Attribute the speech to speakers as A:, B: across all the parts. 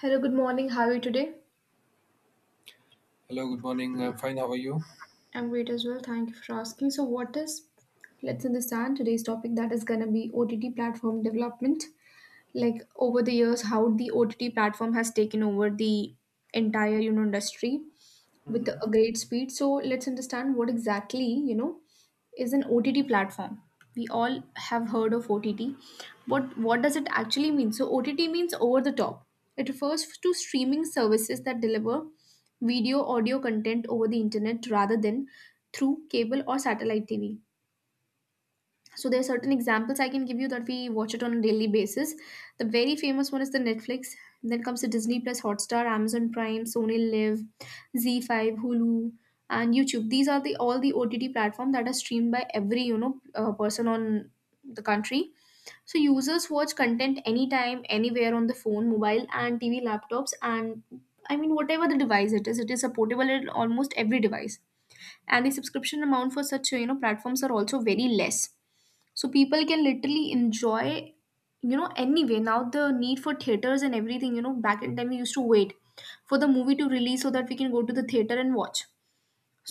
A: Hello, good morning. How are you today?
B: Hello, good morning. I'm fine. How are you?
A: I'm great as well. Thank you for asking. So, what is let's understand today's topic, that is going to be OTT platform development. Like over the years, how the OTT platform has taken over the entire industry with
B: Hmm.
A: a great speed. So let's understand what exactly, you know, is an OTT platform. We all have heard of OTT. What does it actually mean? So OTT means over the top. It refers to streaming services that deliver video audio content over the internet rather than through cable or satellite TV. So there are certain examples I can give you that we watch it on a daily basis. The very famous one is the Netflix, then comes the Disney Plus Hotstar, Amazon Prime, Sony Live, z5, Hulu, and YouTube. These are the all the OTT platform that are streamed by every person on the country. So users watch content anytime, anywhere, on the phone, mobile, and TV, laptops, and I mean, whatever the device it is, it is supportable in almost every device. And the subscription amount for such, you know, platforms are also very less, so people can literally enjoy, you know, anyway, now the need for theaters and everything. You know, back in time we used to wait for the movie to release so that we can go to the theater and watch.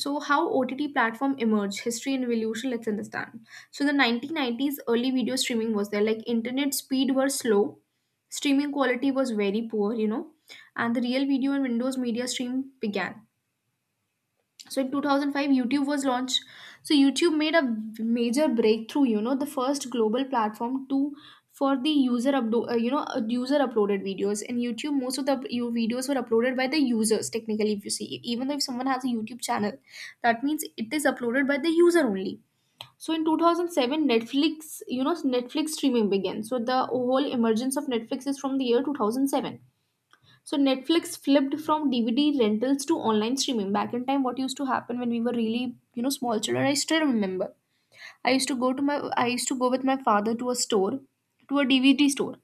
A: So how OTT platform emerged, history and evolution, let's understand. So the 1990s, early video streaming was there, like internet speed were slow, streaming quality was very poor, you know, and the real video and Windows media stream began. So in 2005 YouTube was launched. So YouTube made a major breakthrough, you know, the first global platform to for the user uploaded videos in YouTube. Most of the your videos were uploaded by the users. Technically if you see, even though if someone has a YouTube channel, that means it is uploaded by the user only. So in 2007 Netflix, you know, Netflix streaming began. So the whole emergence of Netflix is from the year 2007. So Netflix flipped from DVD rentals to online streaming. Back in time, what used to happen when we were really, you know, small children, I still remember. I used to go to my I used to go with my father to a store, to a DVD store.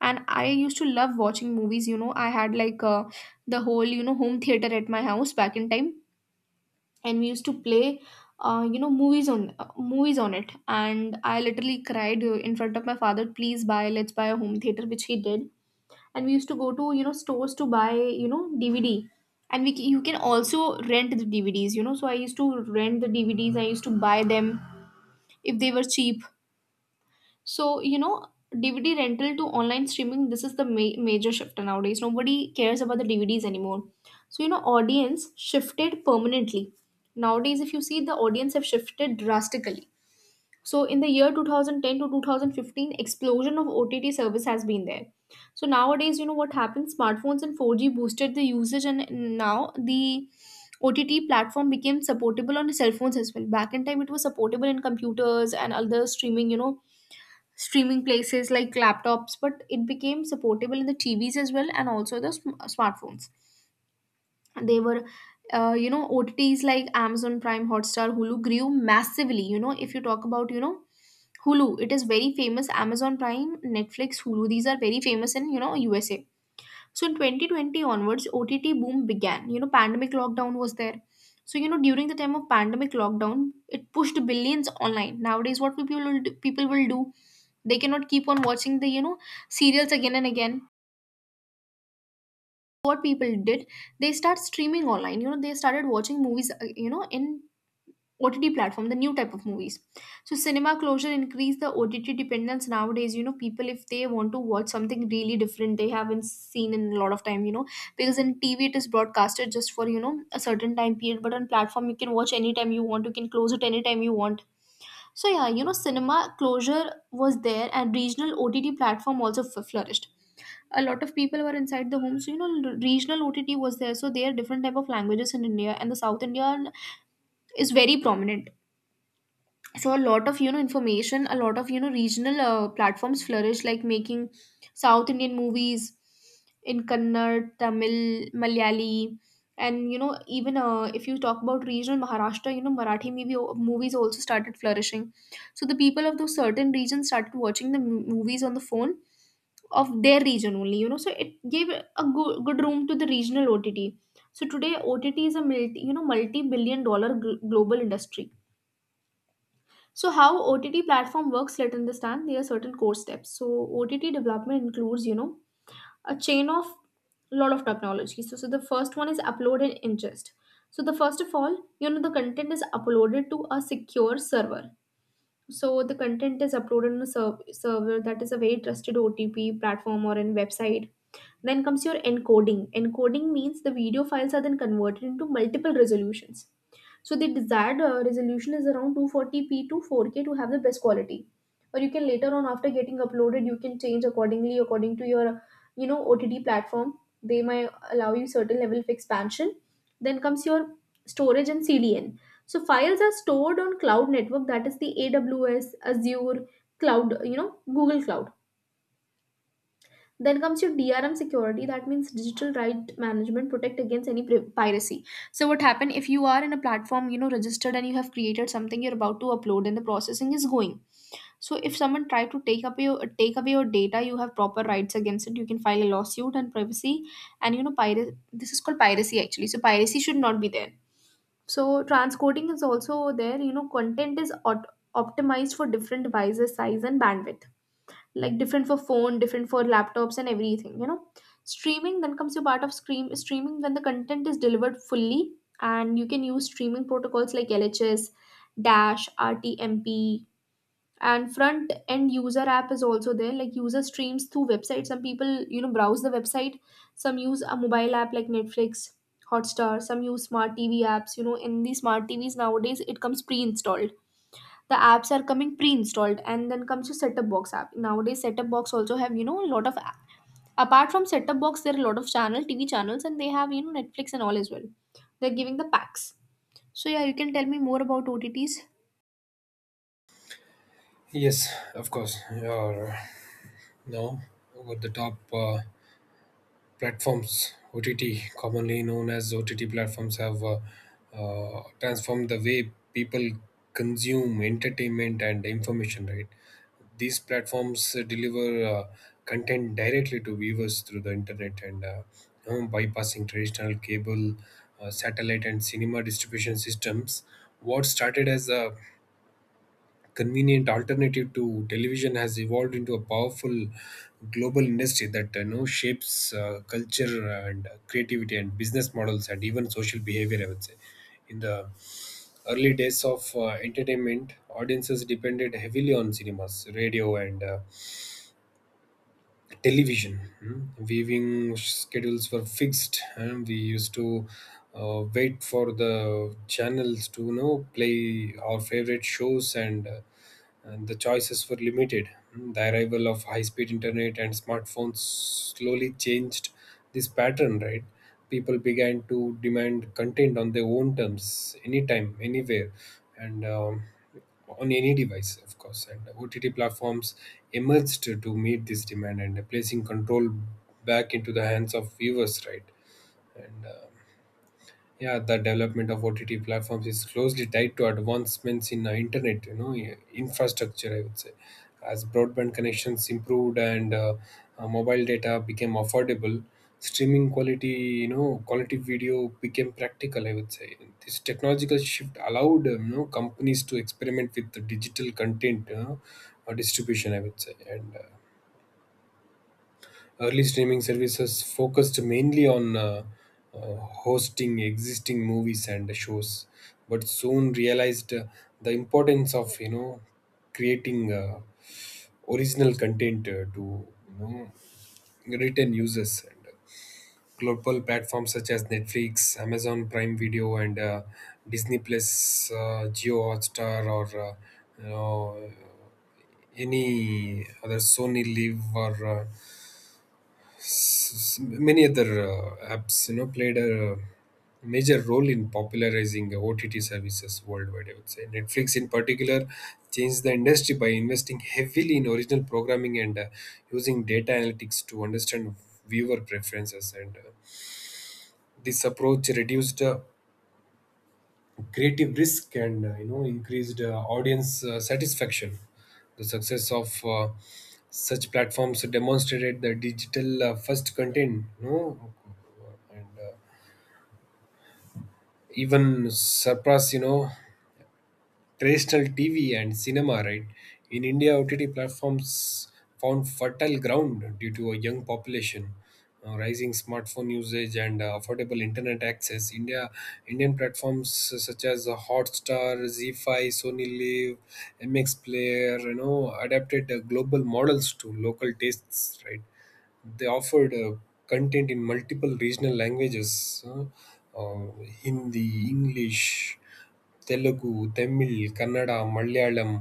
A: And I used to love watching movies, you know. I had like the whole, you know, home theater at my house back in time, and we used to play movies on movies on it. And I literally cried in front of my father, please buy, let's buy a home theater, which he did. And we used to go to, you know, stores to buy, you know, DVD. And you can also rent the DVDs, you know. So I used to rent the DVDs, I used to buy them if they were cheap. So you know, DVD rental to online streaming, this is the major shift. Nowadays, nobody cares about the DVDs anymore. So you know, audience shifted permanently. Nowadays if you see, the audience have shifted drastically. So in the year 2010 to 2015, explosion of OTT service has been there. So nowadays, you know what happened? Smartphones and 4G boosted the usage, and now the OTT platform became supportable on cell phones as well. Back in time, it was supportable in computers and other streaming, you know, streaming places like laptops, but it became supportable in the TVs as well and also the smartphones. And they were, you know, OTTs like Amazon Prime, Hotstar, Hulu grew massively. You know, if you talk about, you know, Hulu, it is very famous. Amazon Prime, Netflix, Hulu, these are very famous in, you know, USA. So in 2020 onwards, OTT boom began. You know, pandemic lockdown was there. So you know, during the time of pandemic lockdown, it pushed billions online. Nowadays, what people will do, they cannot keep on watching the, you know, serials again and again. What people did, they start streaming online. You know, they started watching movies. You know, in OTT platform, the new type of movies. So cinema closure increased the OTT dependence nowadays. You know, people, if they want to watch something really different, they haven't seen in a lot of time. You know, because in TV it is broadcasted just for, you know, a certain time period, but on platform you can watch anytime you want. You can close it anytime you want. So yeah, you know, cinema closure was there, and regional OTT platform also flourished. A lot of people were inside the home, so you know, regional OTT was there. So there are different type of languages in India, and the South Indian is very prominent. So a lot of, you know, information, a lot of, you know, regional platforms flourish, like making South Indian movies in Kannad, Tamil, Malayali, and, you know, even if you talk about regional Maharashtra, you know, movies also started flourishing. So the people of those certain regions started watching the movies on the phone of their region only, you know. So it gave a good room to the regional OTT. So today OTT is a multi you know multi billion dollar global industry. So how OTT platform works, let understand, there are certain core steps. So OTT development includes, you know, a chain of lot of technology. So, the first one is upload and ingest. So the first of all, you know, the content is uploaded to a secure server. So the content is uploaded on a server that is a very trusted OTP platform or in website. Then comes your encoding. Encoding means the video files are then converted into multiple resolutions. So the desired resolution is around 240p to 4K to have the best quality. Or you can later on, after getting uploaded, you can change accordingly according to your, you know, OTT platform. They might allow you certain level of expansion. Then comes your storage and CDN. So files are stored on cloud network, that is the AWS, Azure cloud, you know, Google Cloud. Then comes your DRM security, that means digital right management, protect against any piracy. So what happened, if you are in a platform, you know, registered and you have created something you're about to upload and the processing is going. So if someone try to take away your data, you have proper rights against it. You can file a lawsuit. And privacy and, you know, piracy, this is called piracy actually. So piracy should not be there. So transcoding is also there, you know, content is optimized for different devices, size and bandwidth, like different for phone, different for laptops and everything, you know. Streaming, then comes your part of streaming, when the content is delivered fully, and you can use streaming protocols like lhs, dash, rtmp. And front end user app is also there, like user streams through website, some people, you know, browse the website, some use a mobile app like Netflix, Hotstar, some use smart TV apps. You know, in the smart TVs nowadays it comes pre-installed, the apps are coming pre-installed. And then comes your setup box app. Nowadays setup box also have, you know, a lot of, apart from setup box, there are a lot of channel TV channels, and they have, you know, Netflix and all as well, they're giving the packs. So yeah, you can tell me more about OTTs.
B: Yes, of course. You're now with the top platforms, OTT, commonly known as OTT platforms, have transformed the way people consume entertainment and information. Right, these platforms deliver content directly to viewers through the internet and, bypassing traditional cable, satellite, and cinema distribution systems. What started as a convenient alternative to television has evolved into a powerful global industry that, shapes culture and creativity and business models and even social behavior, I would say. In the early days of entertainment, audiences depended heavily on cinemas, radio, and television. Mm. Viewing schedules were fixed, and we used to wait for the channels to play our favorite shows, and the choices were limited. The arrival of high speed internet and smartphones slowly changed this pattern, right? People began to demand content on their own terms, anytime, anywhere, and on any device, of course. And OTT platforms emerged to meet this demand and placing control back into the hands of viewers, right? And yeah, the development of OTT platforms is closely tied to advancements in internet, infrastructure, I would say. As broadband connections improved and mobile data became affordable, streaming quality, quality video, became practical, I would say. This technological shift allowed companies to experiment with the digital content, distribution, I would say. And Early streaming services focused mainly on hosting existing movies and shows, but soon realized the importance of creating original content to you know retain users. And global platforms such as Netflix, Amazon Prime Video, and Disney Plus, Geo Hotstar, or you know any other Sony Live, or many other apps, played a major role in popularizing OTT services worldwide, I would say. Netflix in particular changed the industry by investing heavily in original programming and, using data analytics to understand viewer preferences. And This approach reduced creative risk and, increased audience satisfaction. The success of such platforms demonstrated the digital, first content, and even surpass, terrestrial TV and cinema, right? In India, OTT platforms found fertile ground due to a young population, rising smartphone usage, and affordable internet access. Indian platforms such as Hotstar, ZFi, Sony Live, MX Player, adapted global models to local tastes, right? They offered content in multiple regional languages: uh, Hindi, English, Telugu, Tamil, Kannada, Malayalam,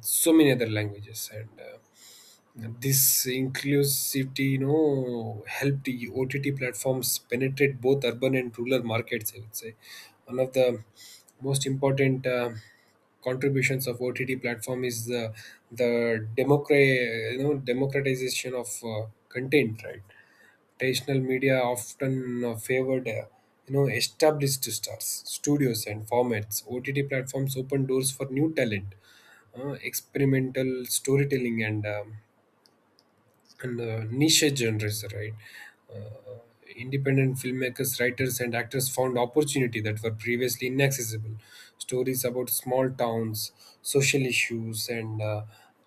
B: so many other languages. And This inclusivity, helped the OTT platforms penetrate both urban and rural markets, I would say. One of the most important contributions of OTT platform is the democratization of content, right? Traditional media often favored established stars, studios, and formats. OTT platforms open doors for new talent, experimental storytelling, and niche genres, right. uh, Independent filmmakers, writers, and actors found opportunity that were previously inaccessible. Stories about small towns, social issues, and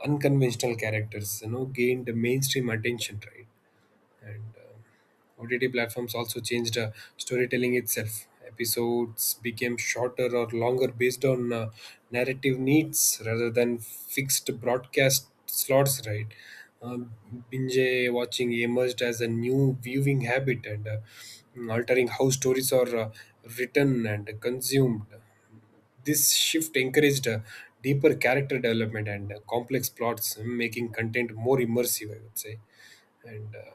B: unconventional characters, gained mainstream attention, right. and OTT platforms also changed storytelling itself. Episodes became shorter or longer based on narrative needs rather than fixed broadcast slots, right? Um, Binge watching emerged as a new viewing habit and, altering how stories are written and consumed. This shift encouraged deeper character development and complex plots, making content more immersive, I would say. And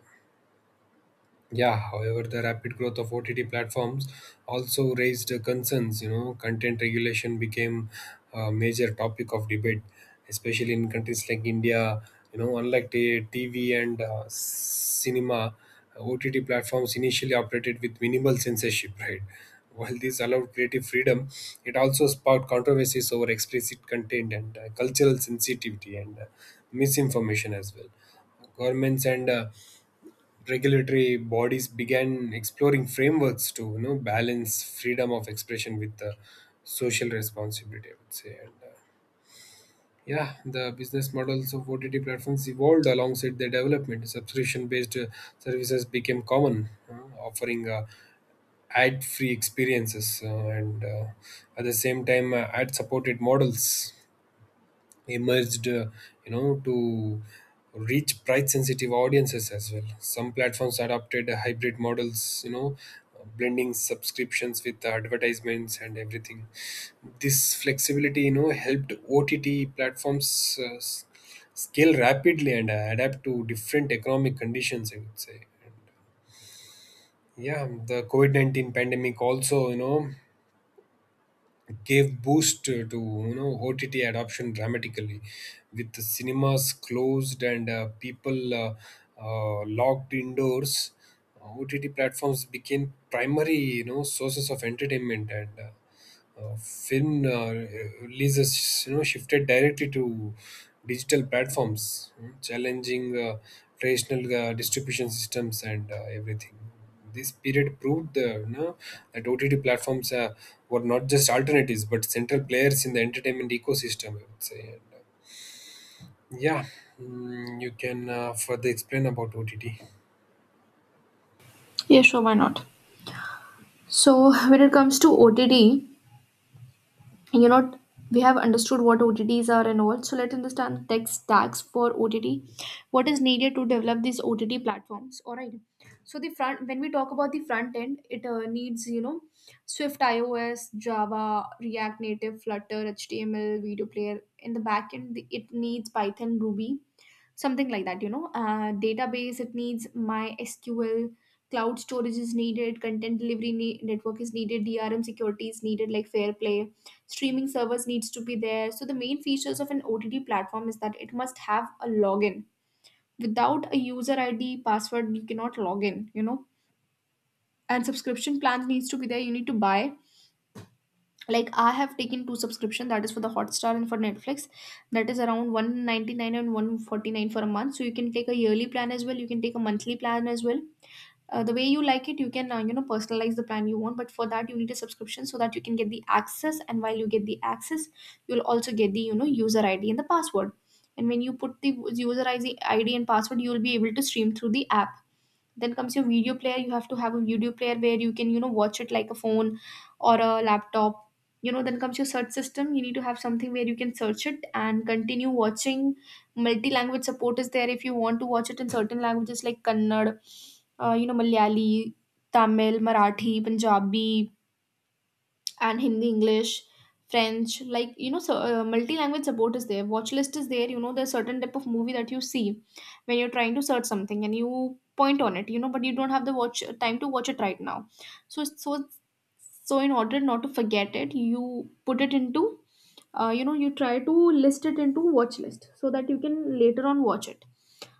B: Yeah, however, the rapid growth of OTT platforms also raised concerns. Content regulation became a major topic of debate, especially in countries like India. Unlike the TV and cinema, OTT platforms initially operated with minimal censorship, right? While this allowed creative freedom, it also sparked controversies over explicit content and cultural sensitivity and misinformation as well. Governments and regulatory bodies began exploring frameworks to balance freedom of expression with the social responsibility, I would say. And Yeah, the business models of OTT platforms evolved alongside their development. Subscription based services became common, offering ad free experiences, and, at the same time, ad supported models emerged, to reach price sensitive audiences as well. Some platforms adopted hybrid models, blending subscriptions with advertisements and everything. This flexibility, helped OTT platforms scale rapidly and adapt to different economic conditions, I would say. Yeah, the COVID-19 pandemic also, gave boost to, OTT adoption dramatically, with the cinemas closed and people locked indoors. OTT platforms became primary, sources of entertainment, and Finn releases, shifted directly to digital platforms, you challenging traditional distribution systems and everything. This period proved, that OTT platforms were not just alternatives but central players in the entertainment ecosystem, I would say. And Yeah, you can further explain about OTT.
A: Yeah, sure, why not? So when it comes to OTT, you know, we have understood what OTTs are and all. So let's understand the tech stacks for OTT. What is needed to develop these OTT platforms? All right. So the front when we talk about the front end, it needs, you know, Swift iOS, Java, React Native, Flutter, HTML, Video Player. In the back end, it needs Python, Ruby, something like that you know database, it needs my sql cloud storage is needed, content delivery network is needed, DRM security is needed, like Fair Play. Streaming servers needs to be there. So the main features of an OTT platform is that it must have a login. Without a user ID password you cannot log in. And subscription plans needs to be there, you need to buy. Like I have taken two subscription, that is for the Hotstar and for Netflix, that is around 199 and 149 for a month. So you can take a yearly plan as well, you can take a monthly plan as well. The way you like it, you can personalize the plan you want. But for that you need a subscription so that you can get the access, and while you get the access you'll also get the user ID and the password. And when you put the user ID and password, you will be able to stream through the app. Then comes your video player. You have to have a video player where you can watch it, like a phone or a laptop. Then comes your search system. You need to have something where you can search it and continue watching. Multi language support is there, if you want to watch it in certain languages like Kannada, Malayali, Tamil, Marathi, Punjabi, and Hindi, English, French, multi-language support is there. Watch list is there. You know, there's certain type of movie that you see when you're trying to search something and you point on it. You know, but you don't have the watch time to watch it right now. So so so in order not to forget it, you put it into, you try to list it into watch list so that you can later on watch it.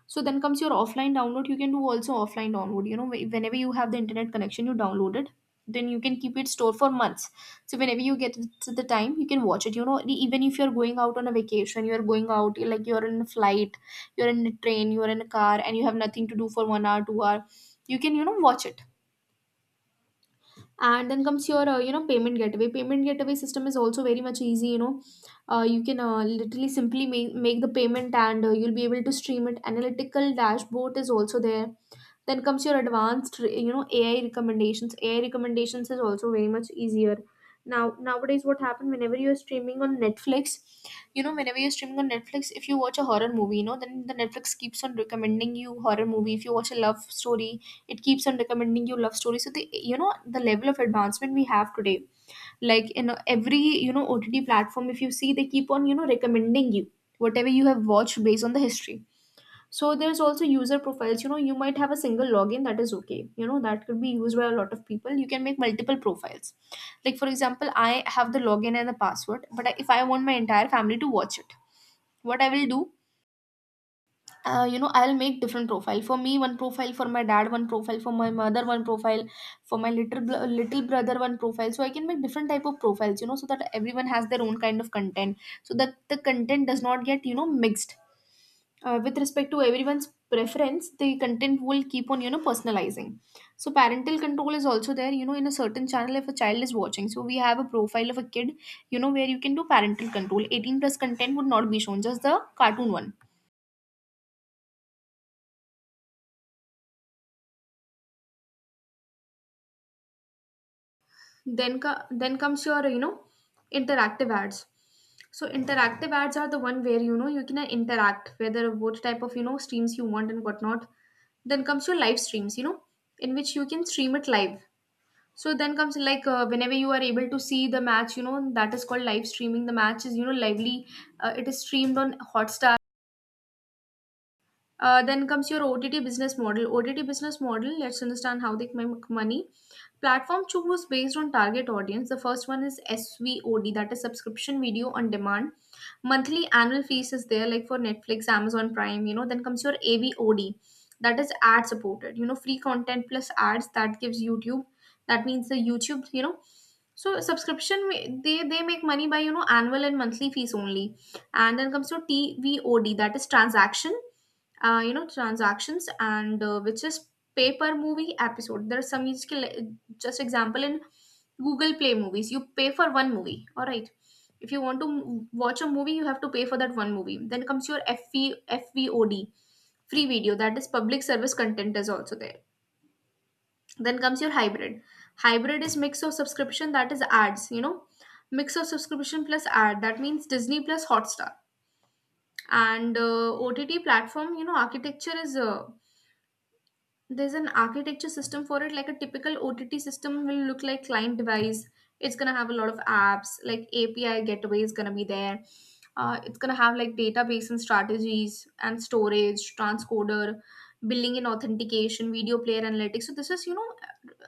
A: So then comes your offline download. You can do also offline download. You know, whenever you have the internet connection, you download it. Then you can keep it stored for months, so whenever you get to the time you can watch it. Even if you're going out on a vacation, you're going out, like you're in a flight, you're in a train, you're in a car, and you have nothing to do for 1 hour 2 hour, you can watch it. And then comes your payment gateway. Payment gateway system is also very much easy, you can literally simply make the payment and you'll be able to stream it. Analytical dashboard is also there. Then comes your advanced, you know, AI recommendations. AI recommendations is also very much easier. Now, nowadays, what happened whenever you're streaming on Netflix, you know, whenever you're streaming on Netflix, if you watch a horror movie, you know, then the Netflix keeps on recommending you horror movie. If you watch a love story, it keeps on recommending you love story. So the, you know, the level of advancement we have today, like every OTT platform, if you see, they keep on, you know, recommending you whatever you have watched based on the history. So there's also user profiles. You know, you might have a single login, that is okay. You know, that could be used by a lot of people. You can make multiple profiles. Like for example, I have the login and the password, but if I want my entire family to watch it, what I will do, you know, I'll make different profile. For me, one profile. For my dad, one profile. For my mother, one profile. For my little little brother, one profile. So I can make different type of profiles. You know, so that everyone has their own kind of content. So that the content does not get, you know, mixed with respect to everyone's preference. The content will keep on, you know, personalizing. So parental control is also there. You know, in a certain channel if a child is watching, so we have a profile of a kid, you know, where you can do parental control. 18 plus content would not be shown, just the cartoon one. Then comes your, you know, interactive ads. So interactive ads are the one where, you know, you can interact whether what type of, you know, streams you want and whatnot. Then comes your live streams, you know, in which you can stream it live. So then comes like whenever you are able to see the match, you know, that is called live streaming. The match is, you know, lively. It is streamed on Hotstar. Then comes your OTT business model. OTT business model, let's understand how they make money. Platform choose based on target audience. The first one is SVOD, that is subscription video on demand. Monthly annual fees is there, like for Netflix, Amazon Prime, you know. Then comes your AVOD, that is ad supported, you know, free content plus ads, that gives YouTube. That means the YouTube, you know. So subscription, they make money by, you know, annual and monthly fees only. And then comes to TVOD, that is transaction, transactions and which is paper movie episode. There are some just example in Google Play Movies, you pay for one movie. All right, if you want to watch a movie you have to pay for that one movie. Then comes your FV, FVOD, free video, that is public service content is also there. Then comes your hybrid. Hybrid is mix of subscription, that is ads, you know, mix of subscription plus ad, that means Disney Plus Hotstar. And OTT platform, you know, architecture is there's an architecture system for it. Like a typical OTT system will look like: client device, it's going to have a lot of apps, like API gateway is going to be there, it's going to have like database and strategies and storage, transcoder, billing and authentication, video player, analytics. So this is, you know,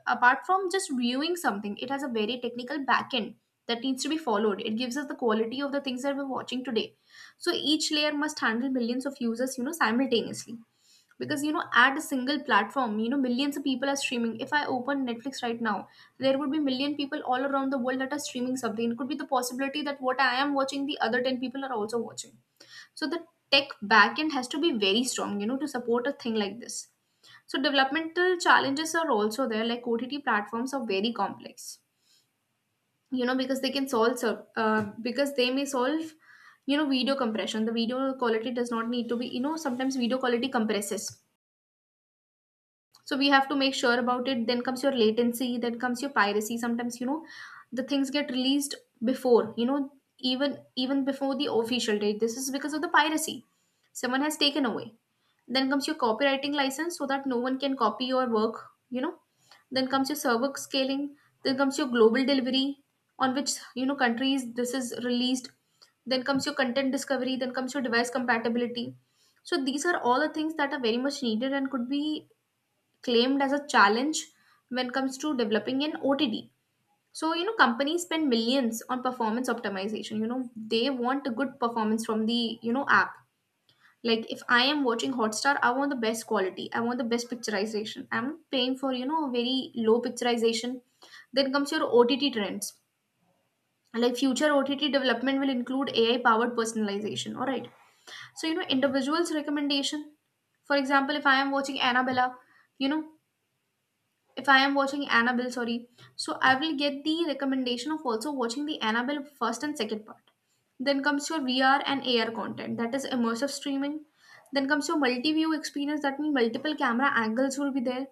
A: apart from just viewing something, it has a very technical backend that needs to be followed. It gives us the quality of the things that we're watching today. So each layer must handle millions of users, you know, simultaneously, because, you know, at a single platform, you know, millions of people are streaming. If I open Netflix right now, there would be million people all around the world that are streaming something. It could be the possibility that what I am watching, the other 10 people are also watching. So the tech backend has to be very strong, you know, to support a thing like this. So developmental challenges are also there. Like OTT platforms are very complex, you know, because they may solve, you know, video compression. The video quality does not need to be, you know, sometimes video quality compresses, so we have to make sure about it. Then comes your latency, then comes your piracy. Sometimes, you know, the things get released before, you know, even before the official date. This is because of the piracy, someone has taken away. Then comes your copywriting license, so that no one can copy your work, you know. Then comes your server scaling, then comes your global delivery, on which, you know, countries this is released. Then comes your content discovery, then comes your device compatibility. So these are all the things that are very much needed and could be claimed as a challenge when it comes to developing an OTD. So, you know, companies spend millions on performance optimization. You know, they want a good performance from the, you know, app. Like if I am watching Hotstar, I want the best quality. I want the best picturization. I'm paying for, you know, very low picturization. Then comes your OTT trends. Like future OTT development will include AI powered personalization. All right. So, you know, individuals' recommendation. For example, if I am watching Annabella, you know, if I am watching Annabelle, sorry, so I will get the recommendation of also watching the Annabelle first and second part. Then comes your VR and AR content, that is immersive streaming. Then comes your multi-view experience, that means multiple camera angles will be there.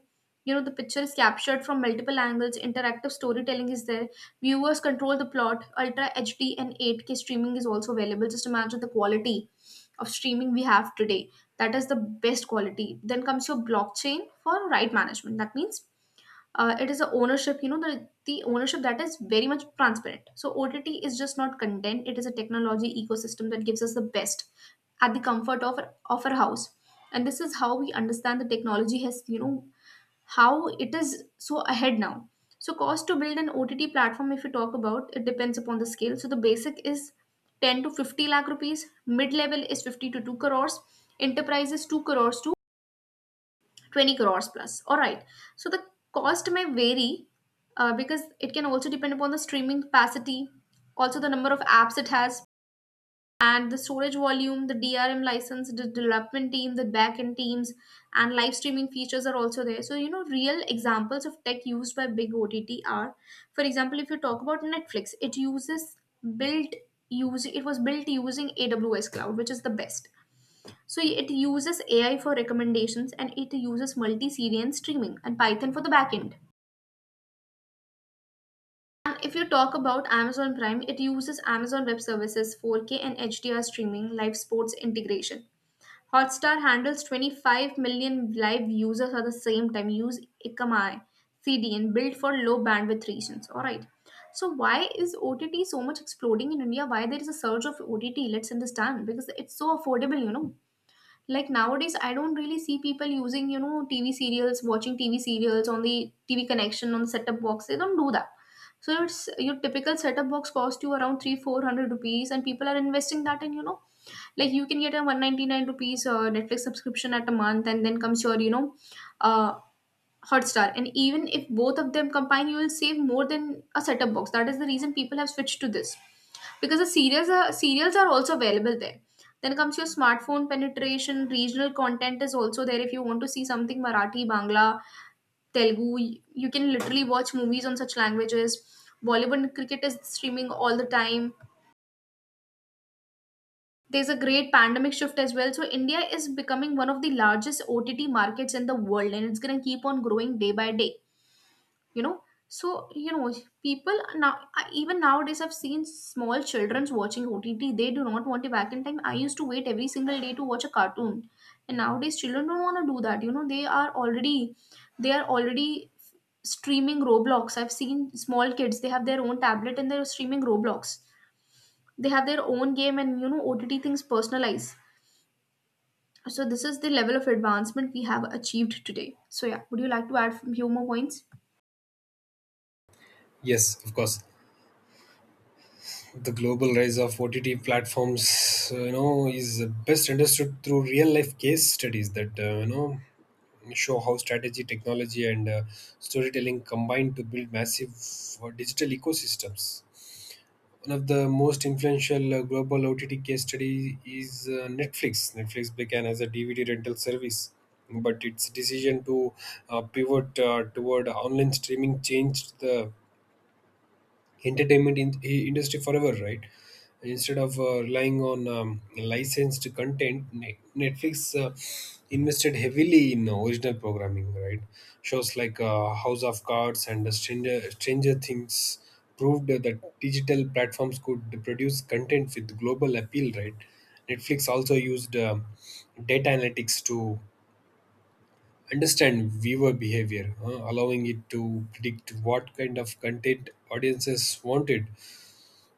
A: You know, the picture is captured from multiple angles, interactive storytelling is there. Viewers control the plot, ultra HD and 8K streaming is also available. Just imagine the quality of streaming we have today. That is the best quality. Then comes your blockchain for right management. That means it is a ownership, you know, the ownership that is very much transparent. So OTT is just not content, it is a technology ecosystem that gives us the best at the comfort of of our house. And this is how we understand the technology has, you know, how it is so ahead now. So cost to build an OTT platform, if you talk about, it depends upon the scale. So the basic is 10 to 50 lakh rupees, mid level is 50 to 2 crores, enterprise is 2 crores to 20 crores plus. All right, so the cost may vary, because it can also depend upon the streaming capacity, also the number of apps it has, and the storage volume, the DRM license, the development team, the backend teams, and live streaming features are also there. So, you know, real examples of tech used by big OTT are, for example, if you talk about Netflix, it uses built use it was built using AWS cloud, which is the best. So it uses AI for recommendations and it uses multi-serial streaming and Python for the backend. And if you talk about Amazon Prime, it uses Amazon Web Services, 4K and HDR streaming, live sports integration. Hotstar handles 25 million live users at the same time. Use Ikamai CDN, built for low bandwidth regions. All right. So why is OTT so much exploding in India? Why there is a surge of OTT? Let's understand, because it's so affordable, you know. Like nowadays I don't really see people using, you know, TV serials, watching TV serials on the TV connection on the set-top box. They don't do that. So it's your typical set-top box cost you around 3 400 rupees, and people are investing that in, you know, like you can get a 199 rupees Netflix subscription at a month, and then comes your, you know, uh, Hotstar. And even if both of them combine, you will save more than a setup box. That is the reason people have switched to this, because the serials are also available there. Then comes your smartphone penetration. Regional content is also there, if you want to see something Marathi, Bangla, Telugu. You can literally watch movies on such languages. Bollywood and cricket is streaming all the time. There's a great pandemic shift as well. So India is becoming one of the largest OTT markets in the world, and it's going to keep on growing day by day. you know so you know People now, even nowadays I've seen small children's watching OTT. They do not want it. Back in time I used to wait every single day to watch a cartoon, and nowadays children don't want to do that. You know, they are already streaming Roblox. I've seen small kids, they have their own tablet and they're streaming Roblox. They have their own game, and, you know, OTT things personalize. So this is the level of advancement we have achieved today. So yeah, would you like to add few more points?
B: Yes, of course. The global rise of OTT platforms, is best understood through real-life case studies that, show how strategy, technology, and storytelling combine to build massive digital ecosystems. One of the most influential global OTT case study is Netflix. Netflix began as a DVD rental service, but its decision to pivot toward online streaming changed the industry forever, right? Instead of relying on licensed content, Netflix invested heavily in original programming, right? Shows like House of Cards and Stranger Things proved that digital platforms could produce content with global appeal, right? Netflix also used data analytics to understand viewer behavior, allowing it to predict what kind of content audiences wanted.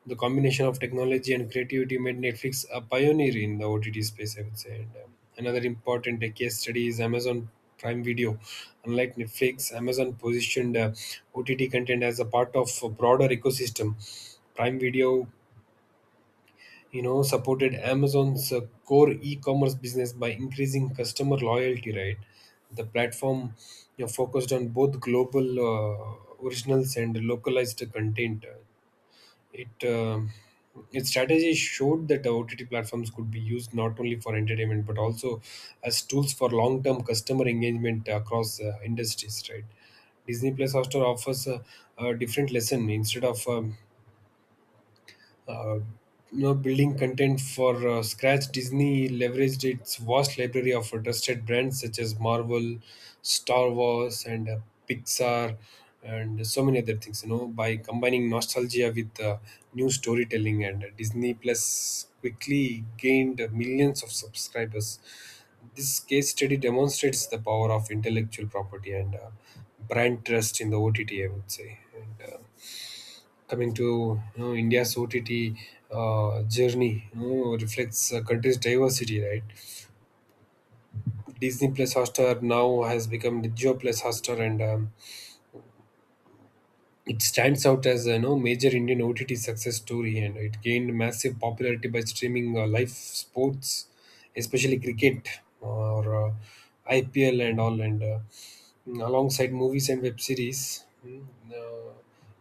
B: The combination of technology and creativity made Netflix a pioneer in the OTT space, I would say. And Another important case study is Amazon Prime Video. Unlike Netflix, Amazon positioned OTT content as a part of a broader ecosystem. Prime Video, supported Amazon's core e-commerce business by increasing customer loyalty. Right, the platform, focused on both global originals and localized content. It Its strategy showed that the OTT platforms could be used not only for entertainment but also as tools for long-term customer engagement across industries. Right, Disney Plus Hotstar offers a different lesson. Instead of uh, building content for scratch, Disney leveraged its vast library of trusted brands such as Marvel, Star Wars, and Pixar, and so many other things. By combining nostalgia with new storytelling, and Disney Plus quickly gained millions of subscribers. This case study demonstrates the power of intellectual property and brand trust in the OTT, I would say. And Coming to, India's OTT journey, reflects a country's diversity, right? Disney Plus Hotstar now has become the Jio Plus Hotstar, and it stands out as a, major Indian OTT success story, and it gained massive popularity by streaming live sports, especially cricket or IPL and all, and alongside movies and web series. Uh,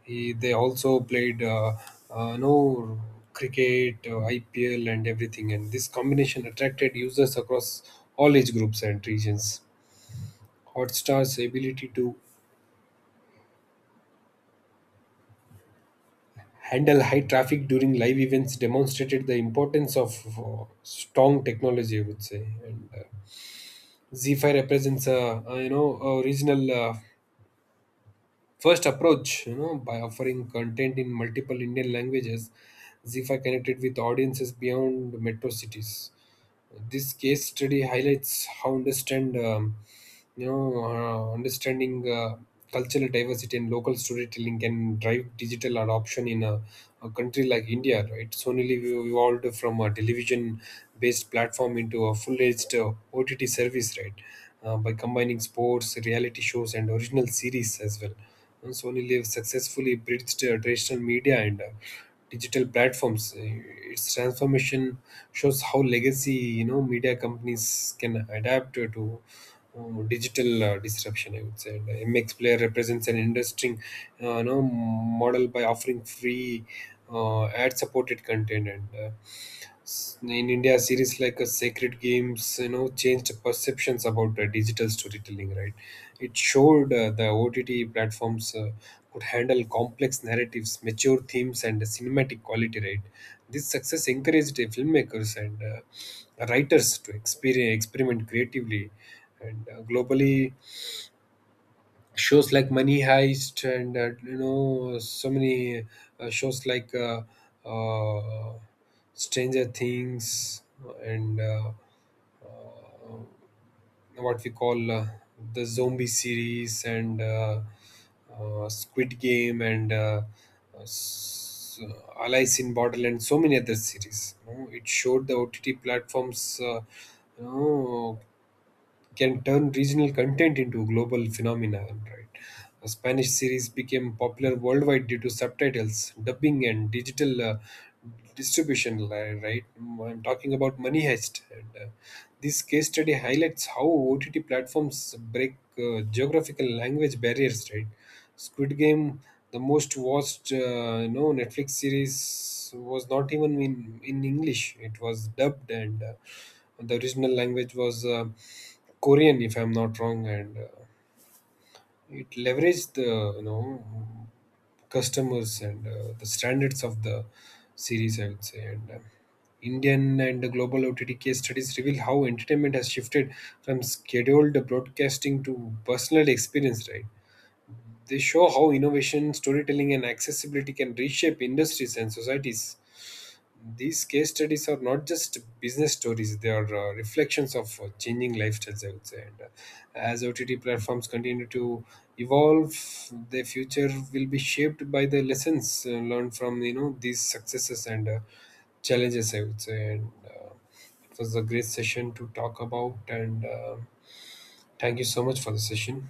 B: they also played no cricket, IPL, and everything. And this combination attracted users across all age groups and regions. Hotstar's ability to handle high traffic during live events demonstrated the importance of strong technology, I would say. And Z5 represents a regional. First approach, by offering content in multiple Indian languages, zifa connected with audiences beyond metro cities. This case study highlights how understanding cultural diversity and local storytelling can drive digital adoption in a country like India. Right, Sonily we evolved from a television-based platform into a full-fledged OTT service. Right, by combining sports, reality shows, and original series as well. And Sony Live successfully bridged traditional media and digital platforms. Its transformation shows how legacy, media companies can adapt to digital disruption, I would say. And MX Player represents an interesting, model by offering free ad-supported content and. In India, series like Sacred Games, changed perceptions about digital storytelling. Right, it showed the OTT platforms. Could handle complex narratives, mature themes, and cinematic quality. Right, this success encouraged filmmakers and writers to experiment creatively, and globally shows like Money Heist and, so many shows like uh, Stranger Things, and uh, what we call the zombie series, and Squid Game, and uh, s- Alice in Borderland, so many other series. It showed the OTT platforms, you know, can turn regional content into global phenomenon. Right? A Spanish series became popular worldwide due to subtitles, dubbing, and digital distribution. Right? I'm talking about Money Heist. This case study highlights how OTT platforms break geographical language barriers. Right? Squid Game, the most watched, Netflix series was not even in English. It was dubbed and. The original language was Korean, if I'm not wrong, and it leveraged the, customers and the standards of the series, I would say. And Indian and global OTT case studies reveal how entertainment has shifted from scheduled broadcasting to personal experience. Right? They show how innovation, storytelling, and accessibility can reshape industries and societies. These case studies are not just business stories; they are reflections of changing lifestyles, I would say. And uh, as OTT platforms continue to evolve, their future will be shaped by the lessons learned from, these successes and challenges, I would say. And It was a great session to talk about. And Thank you so much for the session.